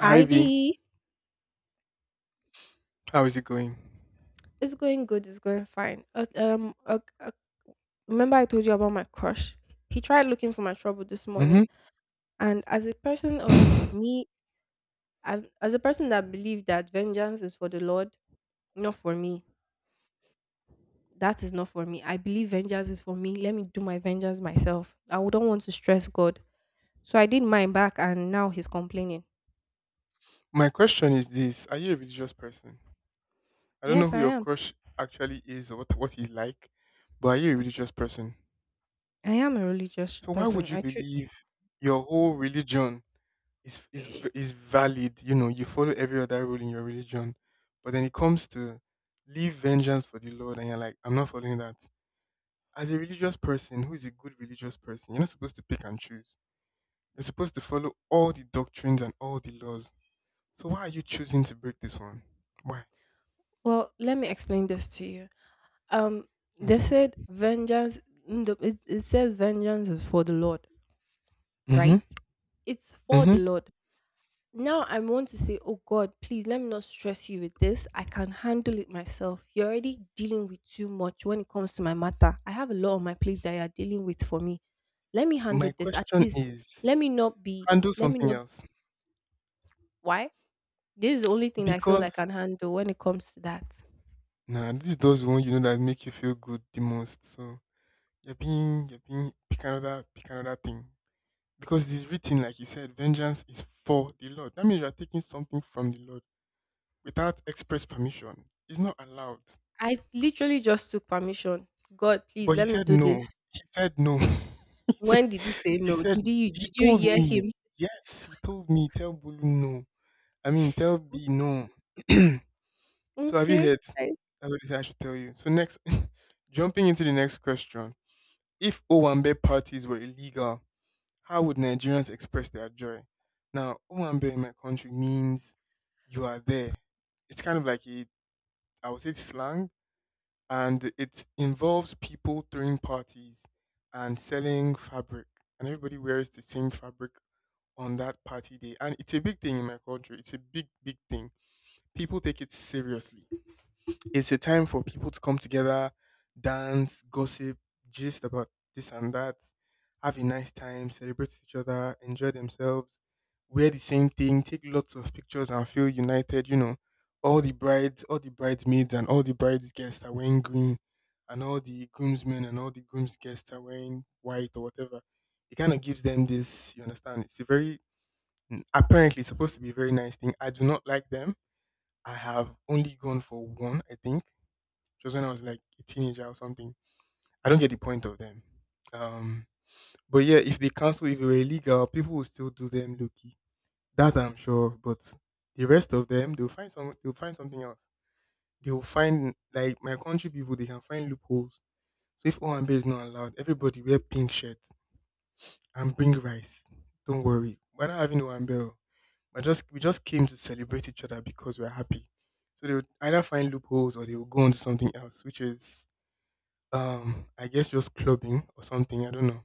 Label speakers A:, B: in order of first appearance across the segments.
A: Hi
B: Hi
A: V,
B: D.
A: how is it going?
B: It's going good. It's going fine. Remember I told you about my crush? He tried looking for my trouble this
A: Hmm.
B: morning, and as a person of me, and as a person that believe that vengeance is for the Lord, not for me. That is not for me. I believe vengeance is for me. Let me do my vengeance myself. I wouldn't want to stress God, so I did mine back, and now he's complaining.
A: My question is this: Are you a religious person? I don't know
B: Yes,
A: who
B: I
A: your
B: am.
A: crush actually is or what he's like, but are you a religious person?
B: I am a religious
A: So why would
B: person.
A: you believe your whole religion is valid? You know, you follow every other rule in your religion, but then it comes to leave vengeance for the Lord, and you're like, I'm not following that. As a religious person, who is a good religious person, you're not supposed to pick and choose. You're supposed to follow all the doctrines and all the laws. So why are you choosing to break this one? Why?
B: Well, let me explain this to you. Um, they
A: Okay.
B: said vengeance. It says vengeance is for the Lord, right?
A: Mm-hmm.
B: It's for
A: Mm-hmm.
B: the Lord. Now I want to say, oh God, please let me not stress you with this. I can handle it myself. You're already dealing with too much when it comes to my matter. I have a lot on my plate that you're dealing with for me. Let me
A: My
B: handle this. At
A: question
B: least
A: is
B: let me not be.
A: handle
B: Let me
A: something
B: not.
A: else
B: Why? This is the only thing I feel I
A: because
B: can handle when it comes to that.
A: nah, this does those one that make you feel good the most. So you're being pick another thing because it's written like you said, vengeance is for the Lord. That means you are taking something from the Lord without express permission. It's not allowed.
B: I literally just took permission. God, please
A: But he
B: let me
A: said
B: do
A: no.
B: this.
A: He said no.
B: When did he say no? Did you
A: He
B: did you
A: told
B: hear
A: me
B: him?
A: yes. He told me tell Bulu no. I mean, tell B no. So have you
B: Okay.
A: heard?
B: say-
A: That's what they say I should tell you. So next, jumping into the next question. If Owambe parties were illegal, how would Nigerians express their joy? Now, Owambe in my country means you are there. It's kind of like a, I would say, slang, and it involves people throwing parties and selling fabric, and everybody wears the same fabric on that party day. And it's a big thing in my country. It's a big, big thing. People take it seriously. It's a time for people to come together, dance, gossip, gist about this and that, have a nice time, celebrate each other, enjoy themselves, wear the same thing, take lots of pictures and feel united. All the brides, all the bridesmaids and all the bride's guests are wearing green, and all the groomsmen and all the groom's guests are wearing white or whatever. It kind of gives them this, you understand? It's a very, apparently, it's supposed to be a very nice thing. I do not like them. I have only gone for one, I think. It was when I was like a teenager or something. I don't get the point of them. Um, but yeah, if they cancel, if they were illegal, people will still do them, Loki. That I'm sure of. But the rest of them, they'll find some. They'll find something else. They'll find like my country people. They can find loopholes. So if Oambe is not allowed, everybody wear pink shirts and bring rice. Don't worry, we're not having Oambe. I just We just came to celebrate each other because we're happy. So they would either find loopholes or they would go on to something else, which is I guess just clubbing or something. I don't know.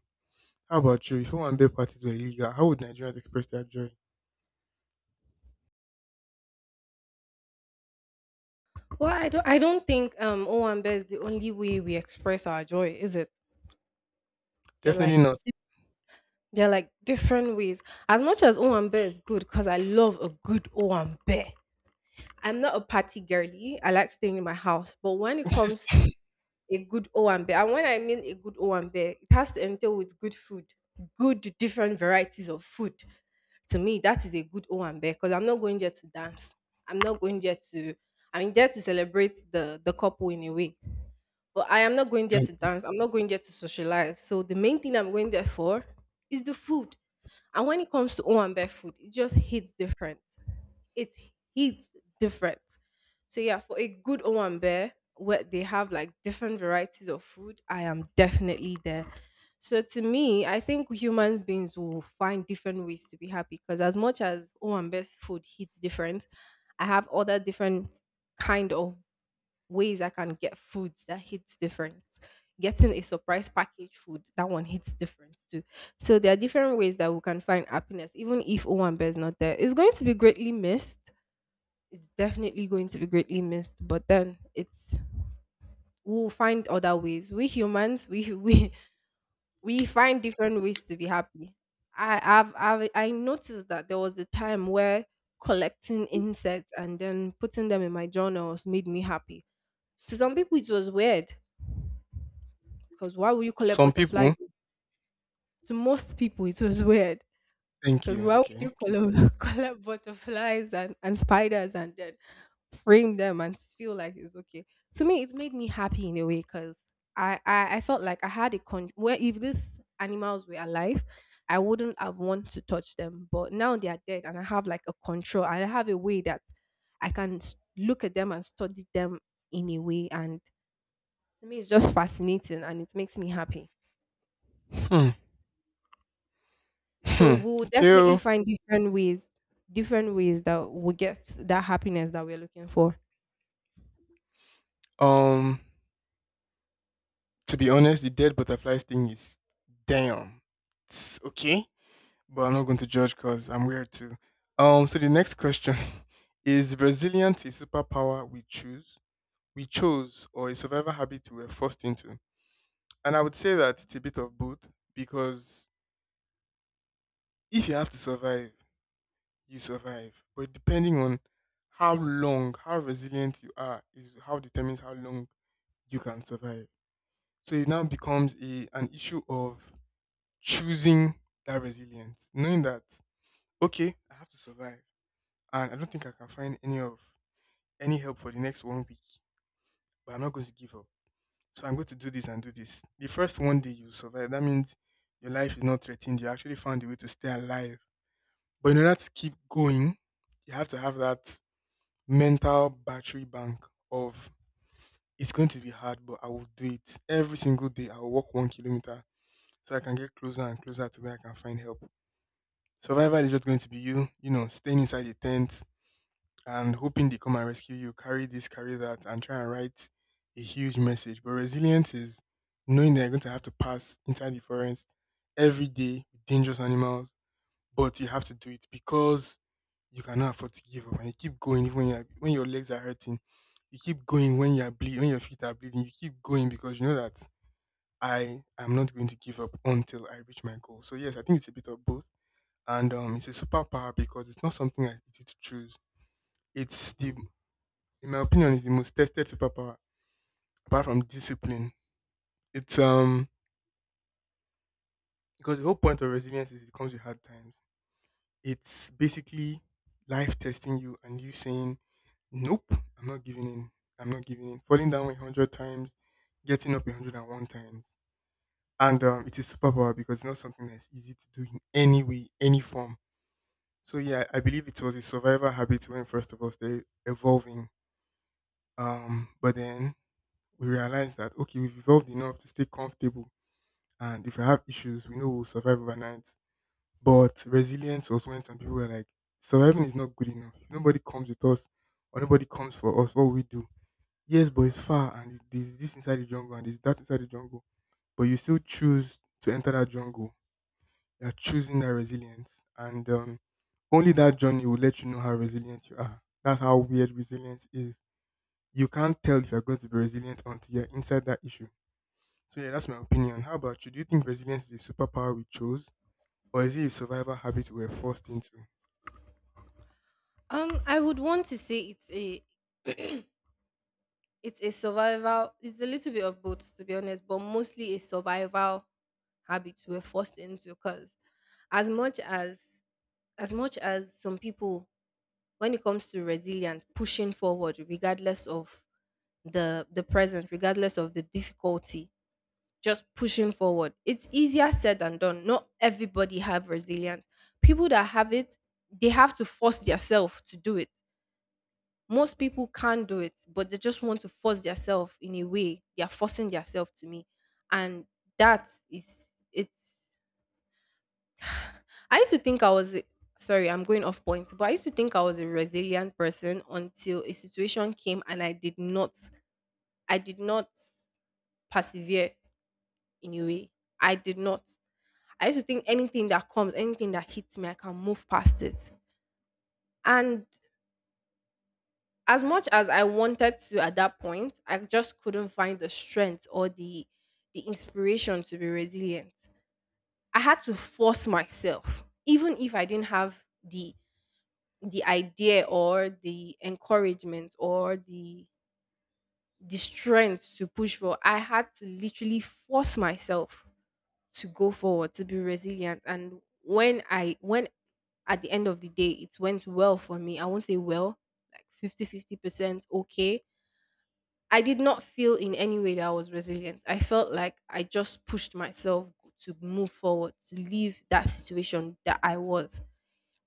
A: How about you? If home and bed parties were illegal, how would Nigerians express their joy?
B: Well, I don't. I don't think Owambe is the only way we express our joy, is it? They're
A: Definitely
B: like
A: not.
B: they're like different ways. As much as Owambe is good, because I love a good Owambe. I'm not a party girly. I like staying in my house, but when it comes to a good Owambe, and bear, and when I mean a good Owambe, it has to entail with good food, good different varieties of food. To me that is a good O and B because I'm not going there to dance. I'm not going there to, I'm there to celebrate the couple in a way. But I am not going there
A: And
B: to
A: eat.
B: dance. I'm not going there to socialize. So the main thing I'm going there for is the food. And when it comes to O and B food, it just hits different, it hits different. So yeah, for a good Owambe where they have like different varieties of food, I am definitely there. So to me, I think human beings will find different ways to be happy because as much as Owambe's food hits different, I have other different kind of ways I can get foods that hits different. Getting a surprise package food, that one hits different too. So there are different ways that we can find happiness, even if Owambe is not there. It's going to be greatly missed, it's definitely going to be greatly missed, but then it's, we'll find other ways. We humans, we we find different ways to be happy. I have i've, I've i noticed that there was a time where collecting insects and then putting them in my journals made me happy. To some people it was weird, because why would you collect
A: Some people.
B: butterflies? To most people it was weird
A: Thank
B: because
A: you.
B: why would
A: Okay.
B: you
A: Keep
B: collect, collect butterflies and spiders and then frame them and feel like it's okay. To me, it made me happy in a way because I felt like I had a con where if these animals were alive, I wouldn't have want to touch them. But now they are dead, and I have like a control. I have a way that I can look at them and study them in a way, and to me, it's just fascinating and it makes me happy.
A: going. Hmm.
B: So
A: Hmm.
B: we'll
A: Okay.
B: definitely
A: Oh.
B: find different ways that we get that happiness that we're looking for.
A: Um. To be honest, the dead butterflies thing is damn. It's okay, but I'm not going to judge because I'm weird too. So the next question, is resilience a superpower we choose, we chose, or a survival habit we were forced into? And I would say that it's a bit of both because if you have to survive, you survive. But depending on how long, how resilient you are, is how determines how long you can survive. So it now becomes a an issue of choosing that resilience, knowing that okay, I have to survive and I don't think I can find any help for the next one week. But I'm not going to give up. So I'm going to do this and do this. The first one day you survive, that means your life is not threatened. You actually found a way to stay alive. But in order to keep going, you have to have that mental battery bank of it's going to be hard, but I will do it. Every single day I will walk 1 kilometer so I can get closer and closer to where I can find help. Survival is just going to be you, staying inside the tent, and hoping they come and rescue you, carry this, carry that, and try and write a huge message. But resilience is knowing that you're going to have to pass inside the forest every day with dangerous animals, but you have to do it because you cannot afford to give up and you keep going even when your legs are hurting. You keep going when you're bleeding, when your feet are bleeding. You keep going because you know that I am not going to give up until I reach my goal. So yes, I think it's a bit of both, and it's a superpower because it's not something I need to choose. It's the In my opinion, is the most tested superpower apart from discipline. It's because the whole point of resilience is it comes with hard times. It's basically life testing you and you saying, nope, I'm not giving in. I'm not giving in. Falling down 100 times, getting up 101 times. And it is superpower because it's not something that's easy to do in any way, any form. So yeah, I believe it was a survival habit when first of all started evolving. But then we realized that okay, we've evolved enough to stay comfortable. And if you have issues, we know we'll survive overnight. But resilience was when some people were like, surviving is not good enough. If nobody comes with us or nobody comes for us, what will we do? Yes, but it's far and there's this inside the jungle and there's that inside the jungle. But you still choose to enter that jungle. You're choosing that resilience. And only that journey will let you know how resilient you are. That's how weird resilience is. You can't tell if you're going to be resilient until you're inside that issue. So yeah, that's my opinion. How about you? Do you think resilience is a superpower we chose? Or is it a survival habit we were forced into?
B: I would want to say it's a it's a little bit of both to be honest, but mostly a survival habit we're forced into because as much as as much as some people when it comes to resilience, pushing forward regardless of the present, regardless of the difficulty, just pushing forward. It's easier said than done. Not everybody have resilience. People that have it, they have to force themselves to do it. Most people can't do it, but they just want to force themselves in a way. They are forcing themselves to me. And that is, it's I used to think I was a- sorry, I'm going off point, but I used to think I was a resilient person until a situation came and I did not persevere in a way. I did not. I used to think anything that comes, anything that hits me, I can move past it. And as much as I wanted to at that point, I just couldn't find the strength or the inspiration to be resilient. I had to force myself, even if I didn't have the idea or the encouragement or the strength to push for. I had to literally force myself to go forward, to be resilient. And when at the end of the day it went well for me, I won't say well, like fifty fifty percent okay. I did not feel in any way that I was resilient. I felt like I just pushed myself to move forward, to leave that situation that I was.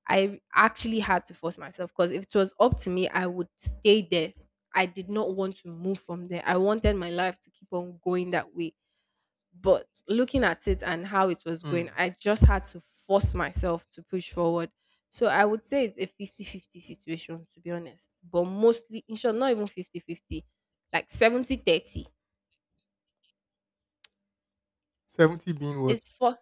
B: I actually had to force myself because if it was up to me, I would stay there. I did not want to move from there. I wanted my life to keep on going that way. But looking at it and how it was going,
A: Hmm.
B: I just had to force myself to push forward. So I would say it's a fifty-fifty situation to be honest. But mostly in short, not even fifty-fifty, like 70-30.
A: 70 being what?
B: It's for,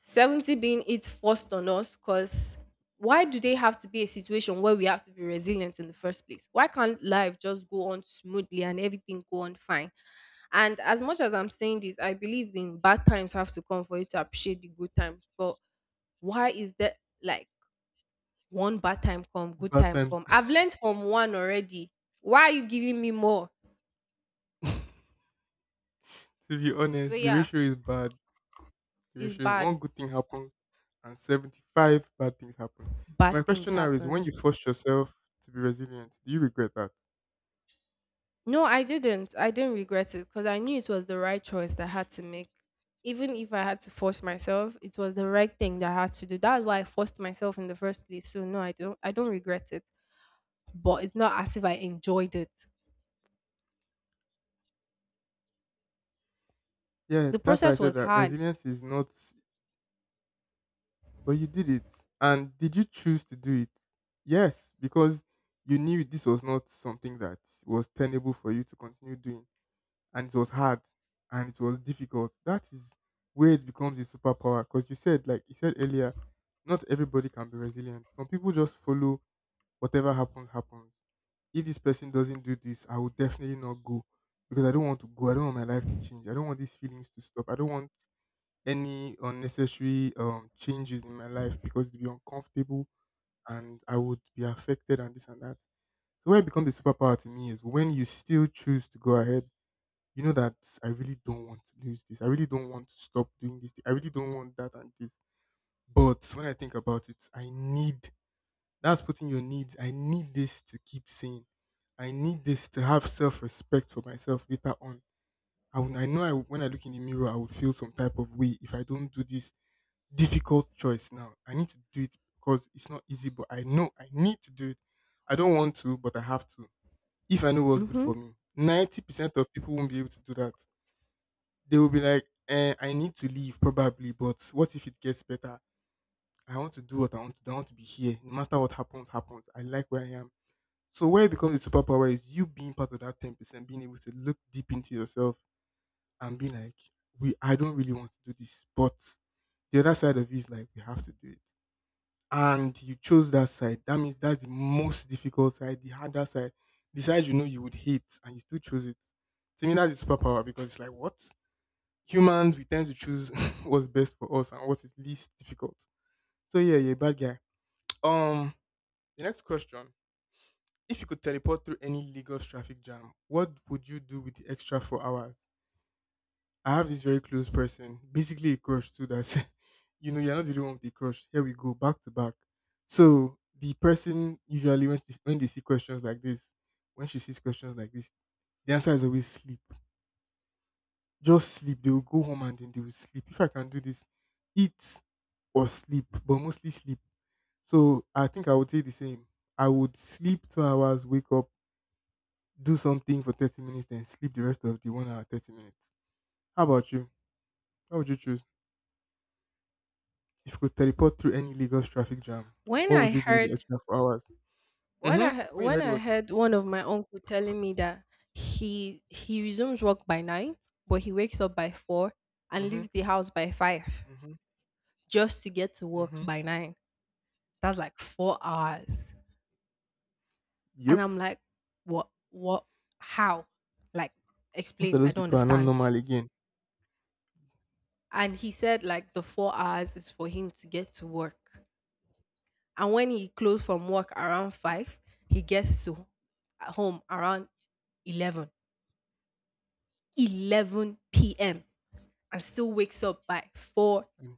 B: 70 being it's forced on us because why do they have to be a situation where we have to be resilient in the first place? Why can't life just go on smoothly and everything go on fine? And as much as I'm saying this, I believe in bad times have to come for you to appreciate the good times. But why is that like one bad time come, good
A: Bad
B: time
A: times.
B: come? I've learned from one already. Why are you giving me more?
A: To be
B: So
A: honest, the
B: yeah,
A: ratio is bad. The
B: it's
A: ratio is one
B: bad.
A: good thing happens and 75 bad things happen. My
B: Bad things
A: question now is when you
B: happens.
A: forced yourself to be resilient, do you regret that?
B: No, I didn't. I didn't regret it because I knew it was the right choice that I had to make. Even if I had to force myself, it was the right thing that I had to do. That's why I forced myself in the first place. So no, I don't regret it. But it's not as if I enjoyed it.
A: Yeah,
B: The
A: that's why I
B: process
A: said
B: was
A: that
B: hard.
A: resilience is not, but you did it. And did you choose to do it? Yes, because you knew this was not something that was tenable for you to continue doing, and it was hard and it was difficult. That is where it becomes a superpower. Because you said, like you said earlier, not everybody can be resilient. Some people just follow whatever happens, happens. If this person doesn't do this, I will definitely not go because I don't want to go. I don't want my life to change. I don't want these feelings to stop. I don't want any unnecessary changes in my life because it'll be uncomfortable and I would be affected and this and that. So where it becomes a superpower to me is when you still choose to go ahead. You know that I really don't want to lose this. I really don't want to stop doing this thing. I really don't want that and this. But when I think about it, I need that's putting your needs. I need this to keep saying. I need this to have self respect for myself later on. I, would, I know I, When I look in the mirror, I would feel some type of way if I don't do this difficult choice now. I need to do it because it's not easy, but I know I need to do it. I don't want to, but I have to. If I know what's good
B: Hmm.
A: for me, 90% of people won't be able to do that. They will be like, eh, I need to leave probably, but what if it gets better? I want to do what I want to do. I want to be here. No matter what happens, happens. I like where I am. So where it becomes a superpower is you being part of that 10%, being able to look deep into yourself and be like, we I don't really want to do this. But the other side of you is like, we have to do it. And you chose that side. That means that's the most difficult side, the harder side, the side you know you would hate, and you still chose it. To me, that's a superpower because it's like, what? Humans, we tend to choose what's best for us and what is least difficult. So yeah, you're a bad guy. Um, the next question: If you could teleport through any Lagos traffic jam, what would you do with the extra 4 hours? I have this very close person, basically a crush too. That's. You know you're not the only one with the crush. Here we go back to back. So the person usually when they see questions like this, when she sees questions like this, the answer is always sleep. Just sleep. They will go home and then they will sleep. If I can do this, eat or sleep, but mostly sleep. So I think I would say the same. I would sleep 2 hours, wake up, do something for 30 minutes, then sleep the rest of the 1 hour, 30 minutes. How about you? How would you choose? If you could teleport through any Lagos traffic jam,
B: When
A: what
B: I
A: would you do with the
B: heard
A: extra 4 hours?
B: when
A: Mm-hmm.
B: I he-
A: When you
B: when
A: heard
B: I
A: what?
B: heard one of my uncle telling me that he resumes work by nine, but he wakes up by four and
A: Mm-hmm.
B: leaves the house by five
A: Mm-hmm.
B: just to get to work
A: Mm-hmm.
B: by nine. That's like 4 hours, and
A: Yep.
B: I'm like, what? What? How? Like,
A: Most of
B: explain. I
A: those
B: don't
A: people are not
B: understand.
A: normal again.
B: And he said like the 4 hours is for him to get to work, and when he closes from work around five, he gets to home around 11, 11 p.m., and still wakes up by
A: And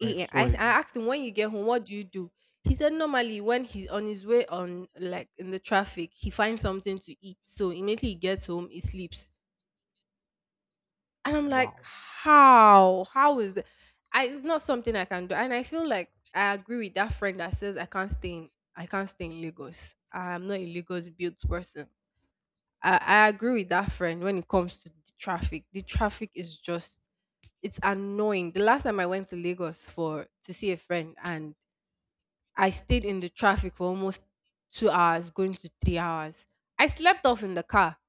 A: by
B: a.m. I,
A: 4
B: I
A: again.
B: asked him, when you get home, what do you do? He said, normally when he's on his way on, like in the traffic, he finds something to eat. So immediately he gets home, he sleeps. And I'm like,
A: Wow.
B: how? How is that? I, it's not something I can do. And I feel like I agree with that friend that says I can't stay in, I can't stay in Lagos. I'm not a Lagos built person. I agree with that friend when it comes to the traffic. The traffic is just, it's annoying. The last time I went to Lagos for to see a friend, and I stayed in the traffic for almost 2 hours, going to 3 hours. I slept off in the car,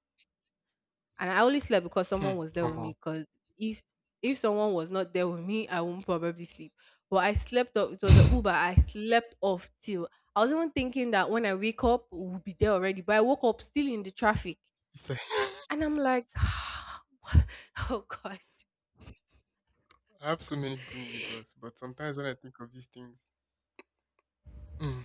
B: and I only slept because
A: Hmm.
B: someone was there
A: I'm
B: with
A: out.
B: me. Cause if if someone was not there with me, I wouldn't probably sleep. But I slept off. It was an Uber. I slept off till, I was even thinking that when I wake up, we'll be there already. But I woke up still in the traffic.
A: It's a
B: And I'm like, what? Oh God.
A: I have so many people in Lagos, but sometimes when I think of these things, mm,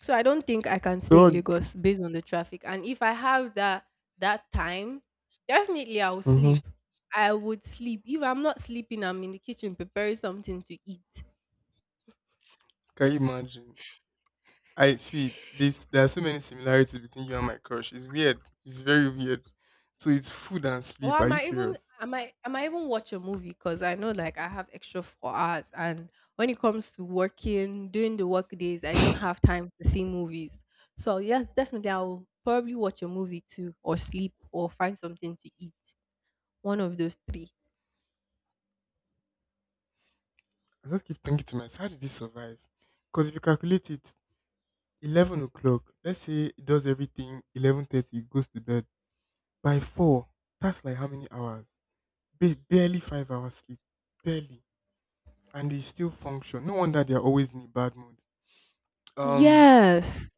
B: So I don't think I can stay
A: so
B: in Lagos based on the traffic. And if I have that time, definitely I will
A: mm
B: sleep. I would sleep. If I'm not sleeping, I'm in the kitchen preparing something to eat.
A: can you imagine? I see this. There are so many similarities between you and my crush. It's weird. It's very weird. So it's food and
B: Or
A: sleep. Are
B: am
A: you
B: I even,
A: serious?
B: am I even watch a movie? Because I know like I have extra 4 hours. And when it comes to working, during the work days, I don't
A: I
B: have time to see movies. So yes, definitely I'll probably watch a movie too or sleep or find something to eat. One of those three.
A: just keep thinking to myself, how did this survive? Because if you calculate it, 11 o'clock. Let's say it does everything. 11:30, it goes to bed by 4. That's like how many hours? Barely 5 hours sleep, barely, and they still function. No wonder they are always in a bad mood. Um,
B: Yes.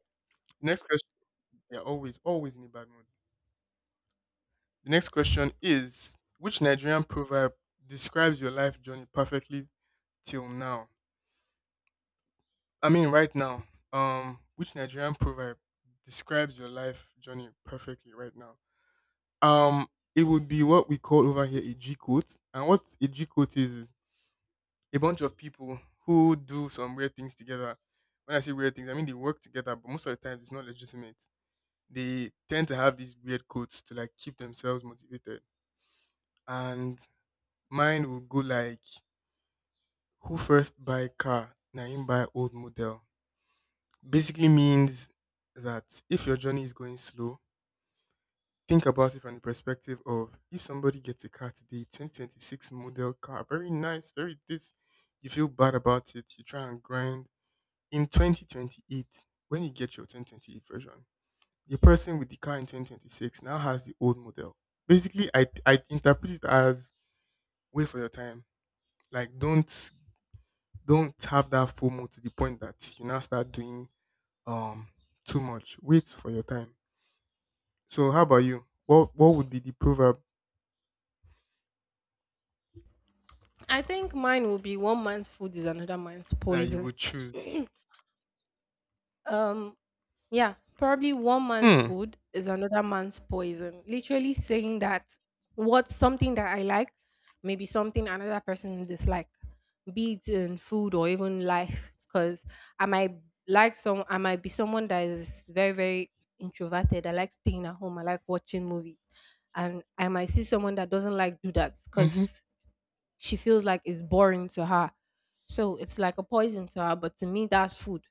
A: next question. Yeah, always, always in a bad mood. The next question is: Which Nigerian proverb describes your life journey perfectly till now? I mean, right now. Which Nigerian proverb describes your life journey perfectly right now? Um, it would be what we call over here a G quote, and what a G quote is a bunch of people who do some weird things together. When I say weird things, I mean they work together, but most of the times it's not legitimate. They tend to have these weird quotes to like keep themselves motivated. And mine will go like, "Who first buy car? Na him buy old model." Basically means that if your journey is going slow, think about it from the perspective of if somebody gets a car today, 2026 model car, very nice, very this, you feel bad about it, you try and grind. In 2028, when you get your 2028 version, the person with the car in 2026 now has the old model. Basically, I interpret it as wait for your time. Like don't have that FOMO to the point that you now start doing um too much. Wait for your time. So how about you? What would be the proverb
B: I think mine will be one man's food is another man's
A: that you
B: poison.
A: would choose?
B: um, yeah, probably one man's
A: Hmm.
B: food is another man's poison. Literally saying that what something that I like may be something another person dislike, be it in food or even life. Because I might I might be someone that is very introverted. I like staying at home. I like watching movies, and I might see someone that doesn't like do that
A: Mm-hmm.
B: because she feels like it's boring to her. So it's like a poison to her, but to me that's food.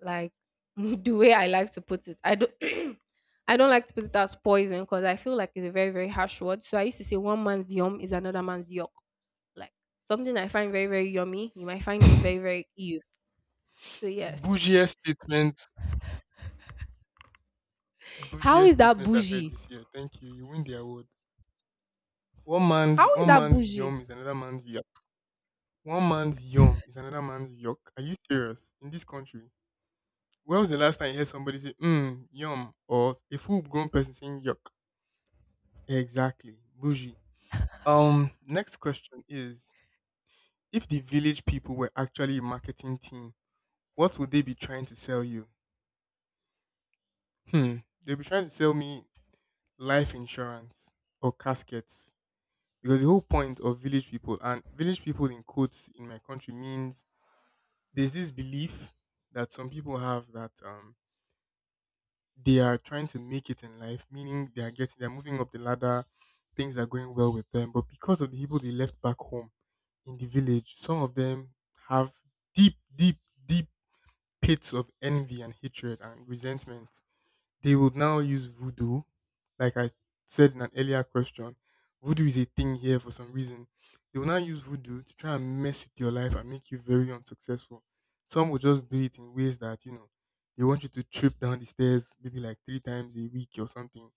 B: Like the way I like to put it. I don't. I don't like to put it as poison because I feel like it's a very, very harsh word. So I used to say one man's yum is another man's yuck. Like something I find very, very yummy, you might find it very, very ew. So yes.
A: Bougiest statement.
B: How
A: Bougiest
B: is that
A: statement I've heard
B: bougie?
A: this year. Thank you. You win the award. One man's
B: How is
A: one
B: that
A: man's
B: bougie?
A: yum is another man's yuck. One man's yum is another man's yuck. Are you serious? In this country, when was the last time you heard somebody say "mm yum" or a full-grown person saying "yuck"? Exactly, bougie. Next question is: If the village people were actually a marketing team, what would they be trying to sell you? Hmm, they'll be trying to sell me life insurance or caskets because the whole point of village people and village people in quotes in my country means there's this belief that some people have that they are trying to make it in life, meaning they are getting they're moving up the ladder, things are going well with them. But because of the people they left back home in the village, some of them have deep, deep, deep pits of envy and hatred and resentment they would now use voodoo, like I said in an earlier question. Voodoo is a thing here for some reason. They will now use voodoo to try and mess with your life and make you very unsuccessful. Some will just do it in ways that they want you to trip down the stairs maybe like three times a week or something.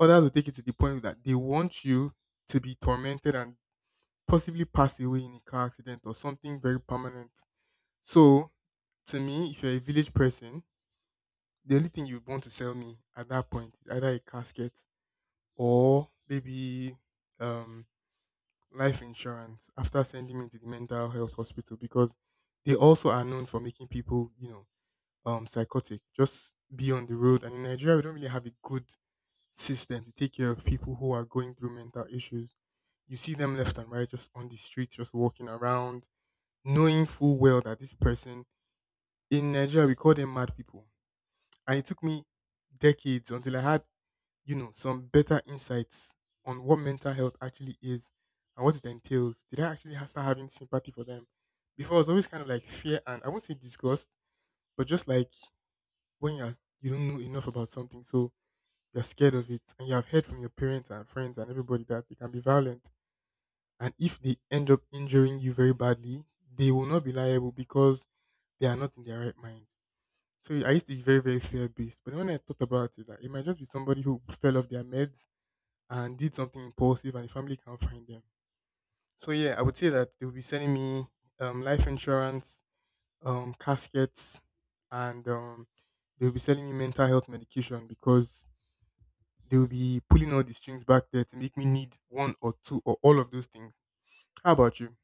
A: Others will take it to the point that they want you to be tormented and possibly pass away in a car accident or something very permanent. So, to me, if you're a village person, the only thing you'd want to sell me at that point is either a casket or maybe um, life insurance after sending me to the mental health hospital because they also are known for making people psychotic. Just be on the road. And in Nigeria, we don't really have a good system to take care of people who are going through mental issues. You see them left and right, just on the streets, just walking around, knowing full well that this person in Nigeria, we call them mad people. And it took me decades until I had some better insights on what mental health actually is and what it entails. Did I actually start having sympathy for them? Before, I was always kind of like fear and I won't say disgust, but just like when you're you don't know enough about something, so you're scared of it, and you have heard from your parents and friends and everybody that they can be violent, and if they end up injuring you very badly, they will not be liable because they are not in their right mind. So I used to be very, very fear based. But then when I thought about it, that it might just be somebody who fell off their meds and did something impulsive and the family can't find them. So yeah, I would say that they'll be sending me life insurance, caskets, and they'll be selling me mental health medication because they'll be pulling all the strings back there to make me need one or two or all of those things. How about you?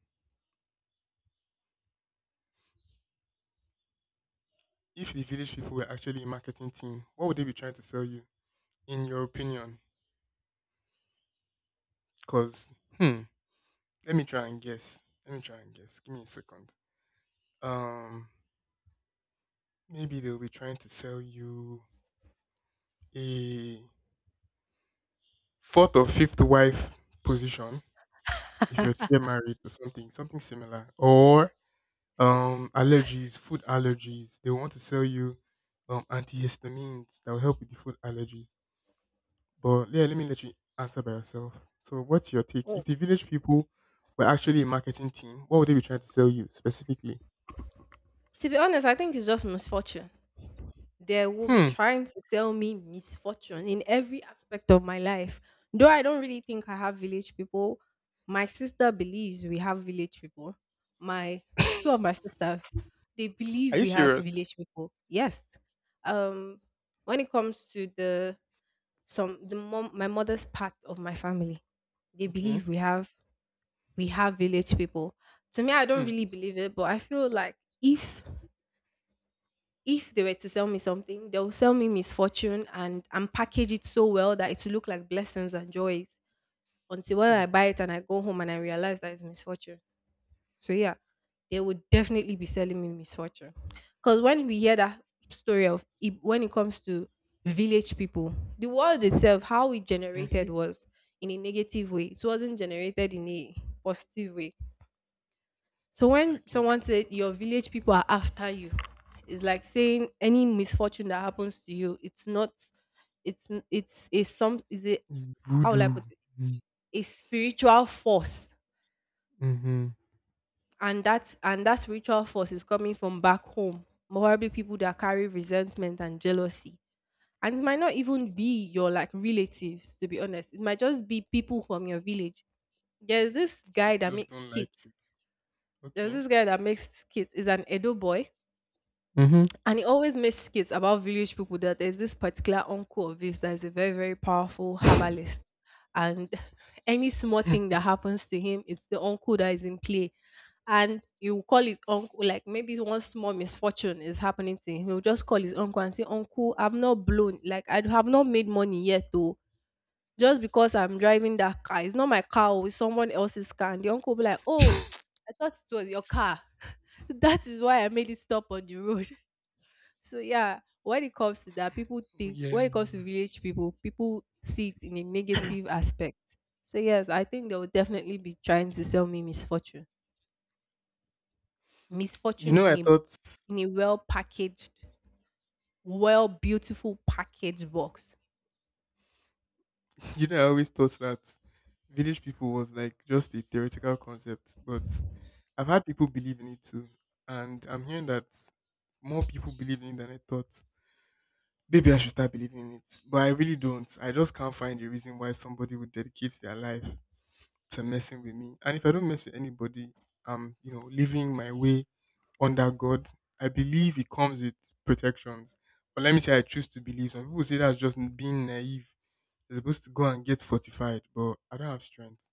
A: If the village people were actually a marketing team, what would they be trying to sell you, in your opinion? Because, hmm, let me try and guess. Let me try and guess. Give me a second. Um, maybe they'll be trying to sell you a fourth or fifth wife position if you were to get married or something, something similar. Or allergies, food allergies. They want to sell you antihistamines that will help with the food allergies. But yeah, let me let you answer by yourself. So what's your take? If
B: Oh.
A: the village people were actually a marketing team, what would they be trying to sell you specifically?
B: To be honest, I think it's just misfortune. They will be
A: Hmm.
B: trying to sell me misfortune in every aspect of my life. Though I don't really think I have village people, my sister believes we have village people. My Two of my sisters, they
A: Are
B: believe
A: you
B: we have
A: serious?
B: village people. Yes. Um when it comes to the some the mom my mother's part of my family, they
A: Okay.
B: believe we have village people. To me, I don't
A: Hmm.
B: really believe it, but I feel like if they were to sell me something, they'll sell me misfortune and package it so well that it will look like blessings and joys until when I buy it and I go home and I realize that it's misfortune. So yeah, they would definitely be selling me misfortune. Because when we hear that story of when it comes to village people, the world itself, how it
A: Mm-hmm.
B: generated was in a negative way. It wasn't generated in a positive way. So when
A: Exactly.
B: someone said your village people are after you, it's like saying any misfortune that happens to you, it's not, it's n- it's a some is a how will I
A: Voodoo.
B: put it, a spiritual force,
A: Mm-hmm.
B: and that spiritual force is coming from back home. Probably people that carry resentment and jealousy, and it might not even be your like relatives. To be honest, it might just be people from your village. There's this guy that
A: Just
B: makes
A: don't like
B: kits.
A: you.
B: There's
A: Okay.
B: this guy that makes kits. Is an Edo boy.
A: Mm-hmm.
B: And he always makes skits about village people that there's this particular uncle of his that is a very, very powerful herbalist. And any small thing that happens to him, it's the uncle that is in play. And he will call his uncle, like maybe one small misfortune is happening to him. He'll just call his uncle and say, "Uncle, I've not blown, like I have not made money yet though. Just because I'm driving that car. It's not my car, oh, it's someone else's car." And the uncle will be like, "Oh, I thought it was your car." That is why I made it stop on the road. So yeah, when it comes to that, people think
A: Yeah.
B: when it comes to village people, people see it in a negative aspect. So yes, I think they will definitely be trying to sell me misfortune. Misfortune
A: I
B: in a
A: thought.
B: in a well packaged, well beautiful packaged box.
A: I always thought that village people was like just a theoretical concept, but I've had people believe in it too. And I'm hearing that more people believe in it than I thought. Maybe I should start believing in it. But I really don't. I just can't find a reason why somebody would dedicate their life to messing with me. And if I don't mess with anybody, I'm living my way under God. I believe it comes with protections. But let me say I choose to believe. Some people say that's just being naive. You're supposed to go and get fortified, but I don't have strength.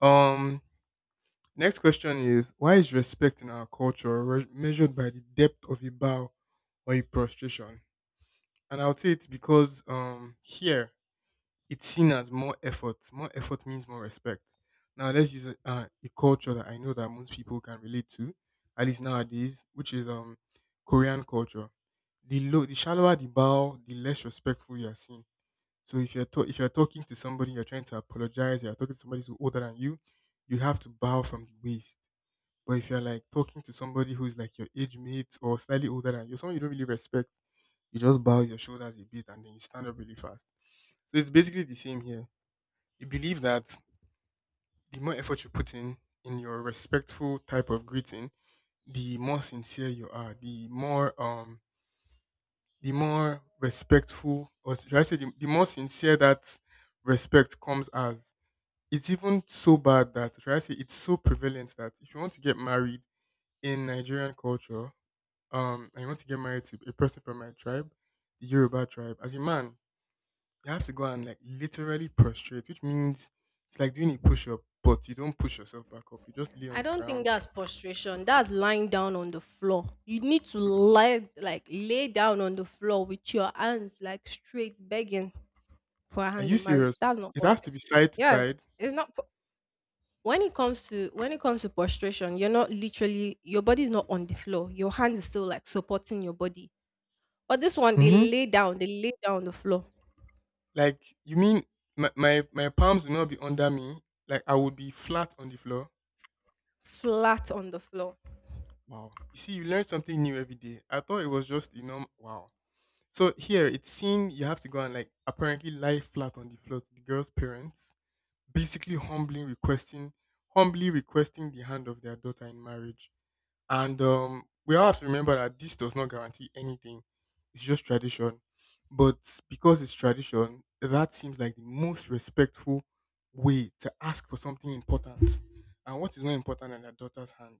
A: Um, next question is why is respect in our culture measured by the depth of a bow or a prostration? And I would say it's because here it's seen as more effort. More effort means more respect. Now let's use a culture that I know that most people can relate to, at least nowadays, which is Korean culture. The shallower the bow, the less respectful you are seen. So if you're talking to somebody, you're trying to apologize. You're talking to somebody who's older than you, you have to bow from the waist. But if you're like talking to somebody who's like your age mate or slightly older than you, someone you don't really respect, you just bow your shoulders a bit and then you stand up really fast. So it's basically the same here. You believe that the more effort you put in your respectful type of greeting, the more sincere you are, the more respectful or should I say the more sincere that respect comes as. It's even so bad that should I say it's so prevalent that if you want to get married in Nigerian culture, and you want to get married to a person from my tribe, the Yoruba tribe, as a man, you have to go and like literally prostrate, which means it's like doing a push up, but you don't push yourself back up. You just lay on
B: I
A: the
B: don't think
A: ground.
B: that's prostration. That's lying down on the floor. You need to lie like lay down on the floor with your hands like straight begging for a
A: Are
B: hand
A: you
B: in marriage. That's
A: serious?
B: not
A: It has to
B: prostration.
A: be side to
B: Yes,
A: side.
B: it's not. When it comes to prostration, you're not literally, your body is not on the floor, your hand is still like supporting your body, but this one,
A: Mm-hmm.
B: they lay down on the floor,
A: Like you mean my palms will not be under me. Like I would be flat on the floor.
B: flat on the floor.
A: Wow. You see, you learn something new every day. I thought it was just wow. So here it's seen you have to go and like apparently lie flat on the floor to the girl's parents, basically humbling, requesting humbly requesting the hand of their daughter in marriage. And we all have to remember that this does not guarantee anything. It's just tradition. But because it's tradition, that seems like the most respectful way to ask for something important. And what is more important than a daughter's hand?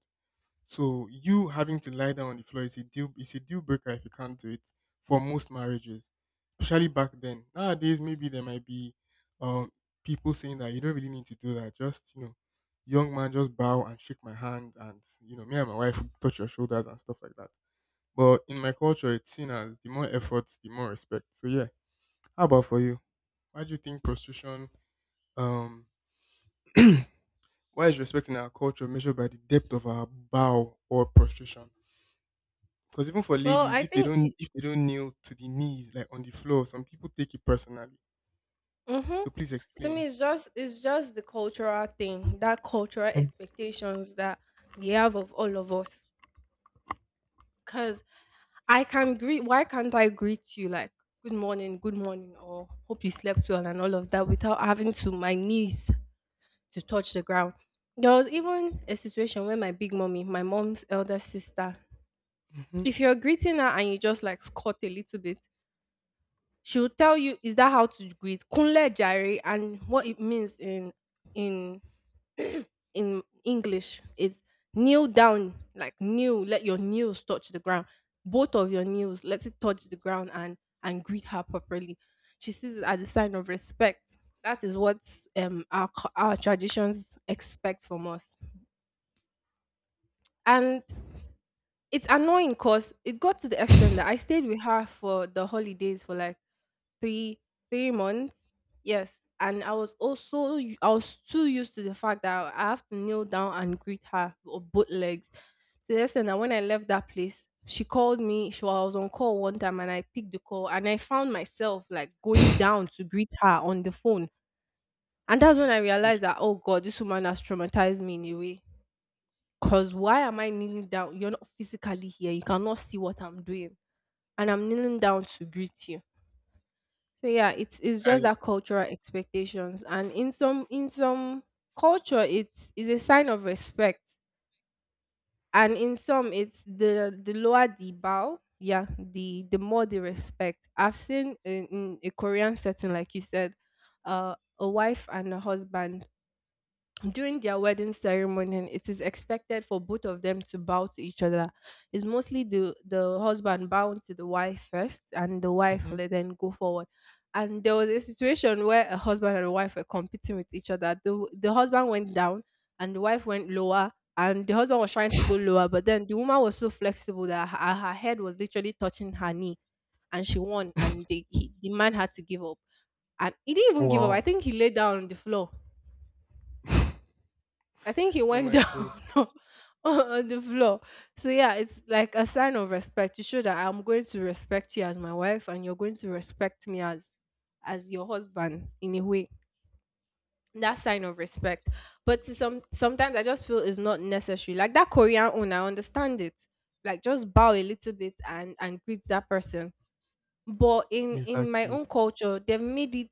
A: So you having to lie down on the floor is a deal breaker if you can't do it for most marriages, especially back then. Nowadays, maybe there might be um people saying that you don't really need to do that. Just young man, just bow and shake my hand, and me and my wife will touch your shoulders and stuff like that. But in my culture, it's seen as the more efforts, the more respect. So yeah, how about for you? Why do you think prostitution? Um, why is respect in our culture measured by the depth of our bow or prostration? Because even for
B: Well,
A: ladies,
B: I
A: if they
B: think it.
A: don't if they don't kneel to the knees like on the floor, some people take it personally.
B: hmm
A: So please
B: to me,
A: explain.
B: it's just the cultural thing, that cultural expectations that they have of all of us, because I can greet why can't I greet you like good morning, good morning, or hope you slept well and all of that without having to my knees to touch the ground? There was even a situation where my big mommy, my mom's elder sister,
A: Mm-hmm.
B: if you're greeting her and you just like squat a little bit, she'll tell you, is that how to greet? Kunle jare, and what it means in in English is kneel down, like kneel, let your knees touch the ground. Both of your knees, let it touch the ground and greet her properly. She sees it as a sign of respect. That is what our traditions expect from us. And it's annoying because it got to the extent that I stayed with her for the holidays for like three three months. Yes, and I was also u- I was too used to the fact that I have to kneel down and greet her with both legs. So listen, that when I left that place, she called me. She I was on call one time, and I picked the call, and I found myself like going down to greet her on the phone, and that's when I
A: Yeah,
B: realized that oh god, this woman has traumatized me in a way. Cause why am I kneeling down? You're not physically here. You cannot see what I'm doing, and I'm kneeling down to greet you. So yeah, it's just
A: I.
B: that cultural expectations, and in some culture, it is a sign of respect, and in some, it's the lower the bow, yeah, the more the respect. I've seen in a Korean setting, like you said, a wife and a husband during their wedding ceremony, it is expected for both of them to bow to each other. It's mostly the husband bowing to the wife first, and the wife
A: Mhm.
B: will then go forward. And there was a situation where a husband and a wife were competing with each other. The husband went down, and the wife went lower. And the husband was trying to go lower, but then the woman was so flexible that her head was literally touching her knee, and she won. And the man had to give up, and he didn't even give up. I
A: Wow.
B: think he lay down on the floor. I think he
A: Oh
B: went
A: my
B: down
A: god.
B: on on the floor. So yeah, it's like a sign of respect to show that I'm going to respect you as my wife and you're going to respect me as your husband in a way. That sign of respect. But to some sometimes I just feel it's not necessary. Like that Korean one, I understand it. Like just bow a little bit and greet that person. But in my
A: Exactly.
B: own culture, they've made it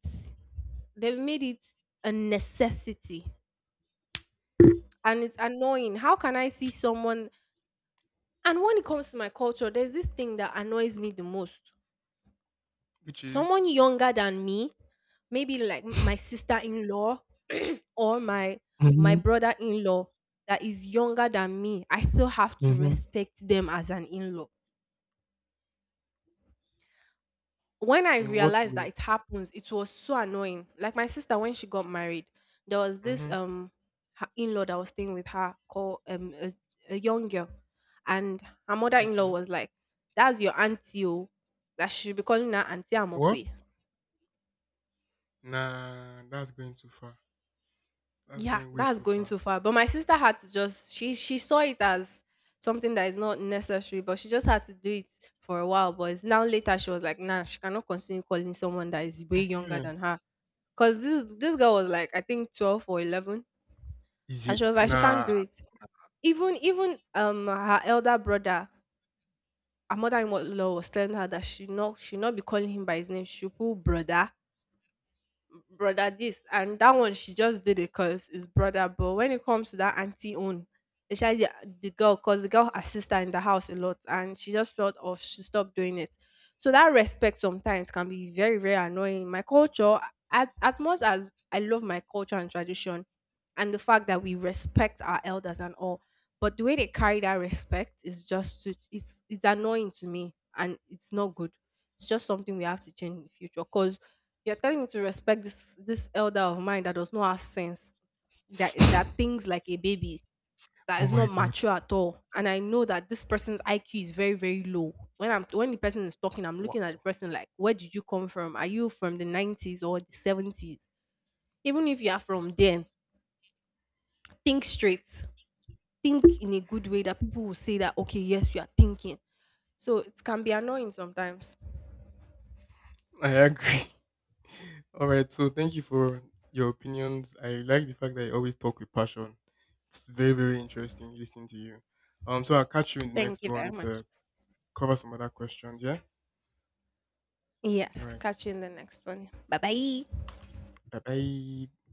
B: they've made it a necessity, and it's annoying. How can I see someone? And when it comes to my culture, there's this thing that annoys me the most.
A: Which is.
B: Someone younger than me, maybe like my sister-in-law or my
A: Mm-hmm.
B: brother-in-law that is younger than me, I still have to
A: Mm-hmm.
B: respect them as an in-law. When I
A: In what
B: realized
A: way?
B: that it happens, it was so annoying. Like my sister, when she got married, there was this
A: Mm-hmm.
B: her in-law that was staying with her called a young girl, and her mother-in-law
A: Okay.
B: was like, "That's your auntie, oh. That she should be calling her auntie
A: What?
B: Amokwe."
A: Nah, that's going too far. That's
B: Yeah,
A: going way
B: that's
A: too
B: going
A: far.
B: too far. But my sister had to just, she saw it as something that is not necessary, but she just had to do it for a while. But it's now later she was like, "Nah, she cannot continue calling someone that is way younger
A: Yeah.
B: than her. Cause this girl was like I think 12 or 11,
A: Is
B: and
A: it?
B: she was like she can't
A: Nah.
B: do it." Even her elder brother, her mother-in-law was telling her that she not be calling him by his name. She should put brother this and that. One, she just did it because it's brother, but when it comes to that auntie own, especially the girl, because the girl assists her in the house a lot, and she just felt off, she stopped doing it. So that respect sometimes can be very annoying. My culture, as much as I love my culture and tradition and the fact that we respect our elders and all, but the way they carry that respect is just too, it's annoying to me, and it's not good. It's just something we have to change in the future, because you're telling me to respect this elder of mine that does not have sense, that thinks like a baby, that
A: Oh
B: is not
A: my god.
B: mature at all. And I know that this person's IQ is very, very low. When the person is talking, I'm looking at the
A: Wow.
B: person like, where did you come from? Are you from the 90s or the 70s? Even if you are from then, think straight. Think in a good way that people will say that, okay, yes, you are thinking. So it can be annoying sometimes.
A: I agree. All right. So thank you for your opinions. I like the fact that you always talk with passion. It's very, very interesting listening to you. So I'll catch you in the
B: Thank
A: next
B: you very
A: one
B: much.
A: to cover some other questions. Yeah. All
B: Yes,
A: right.
B: catch you in the next one. Bye bye.
A: Bye bye.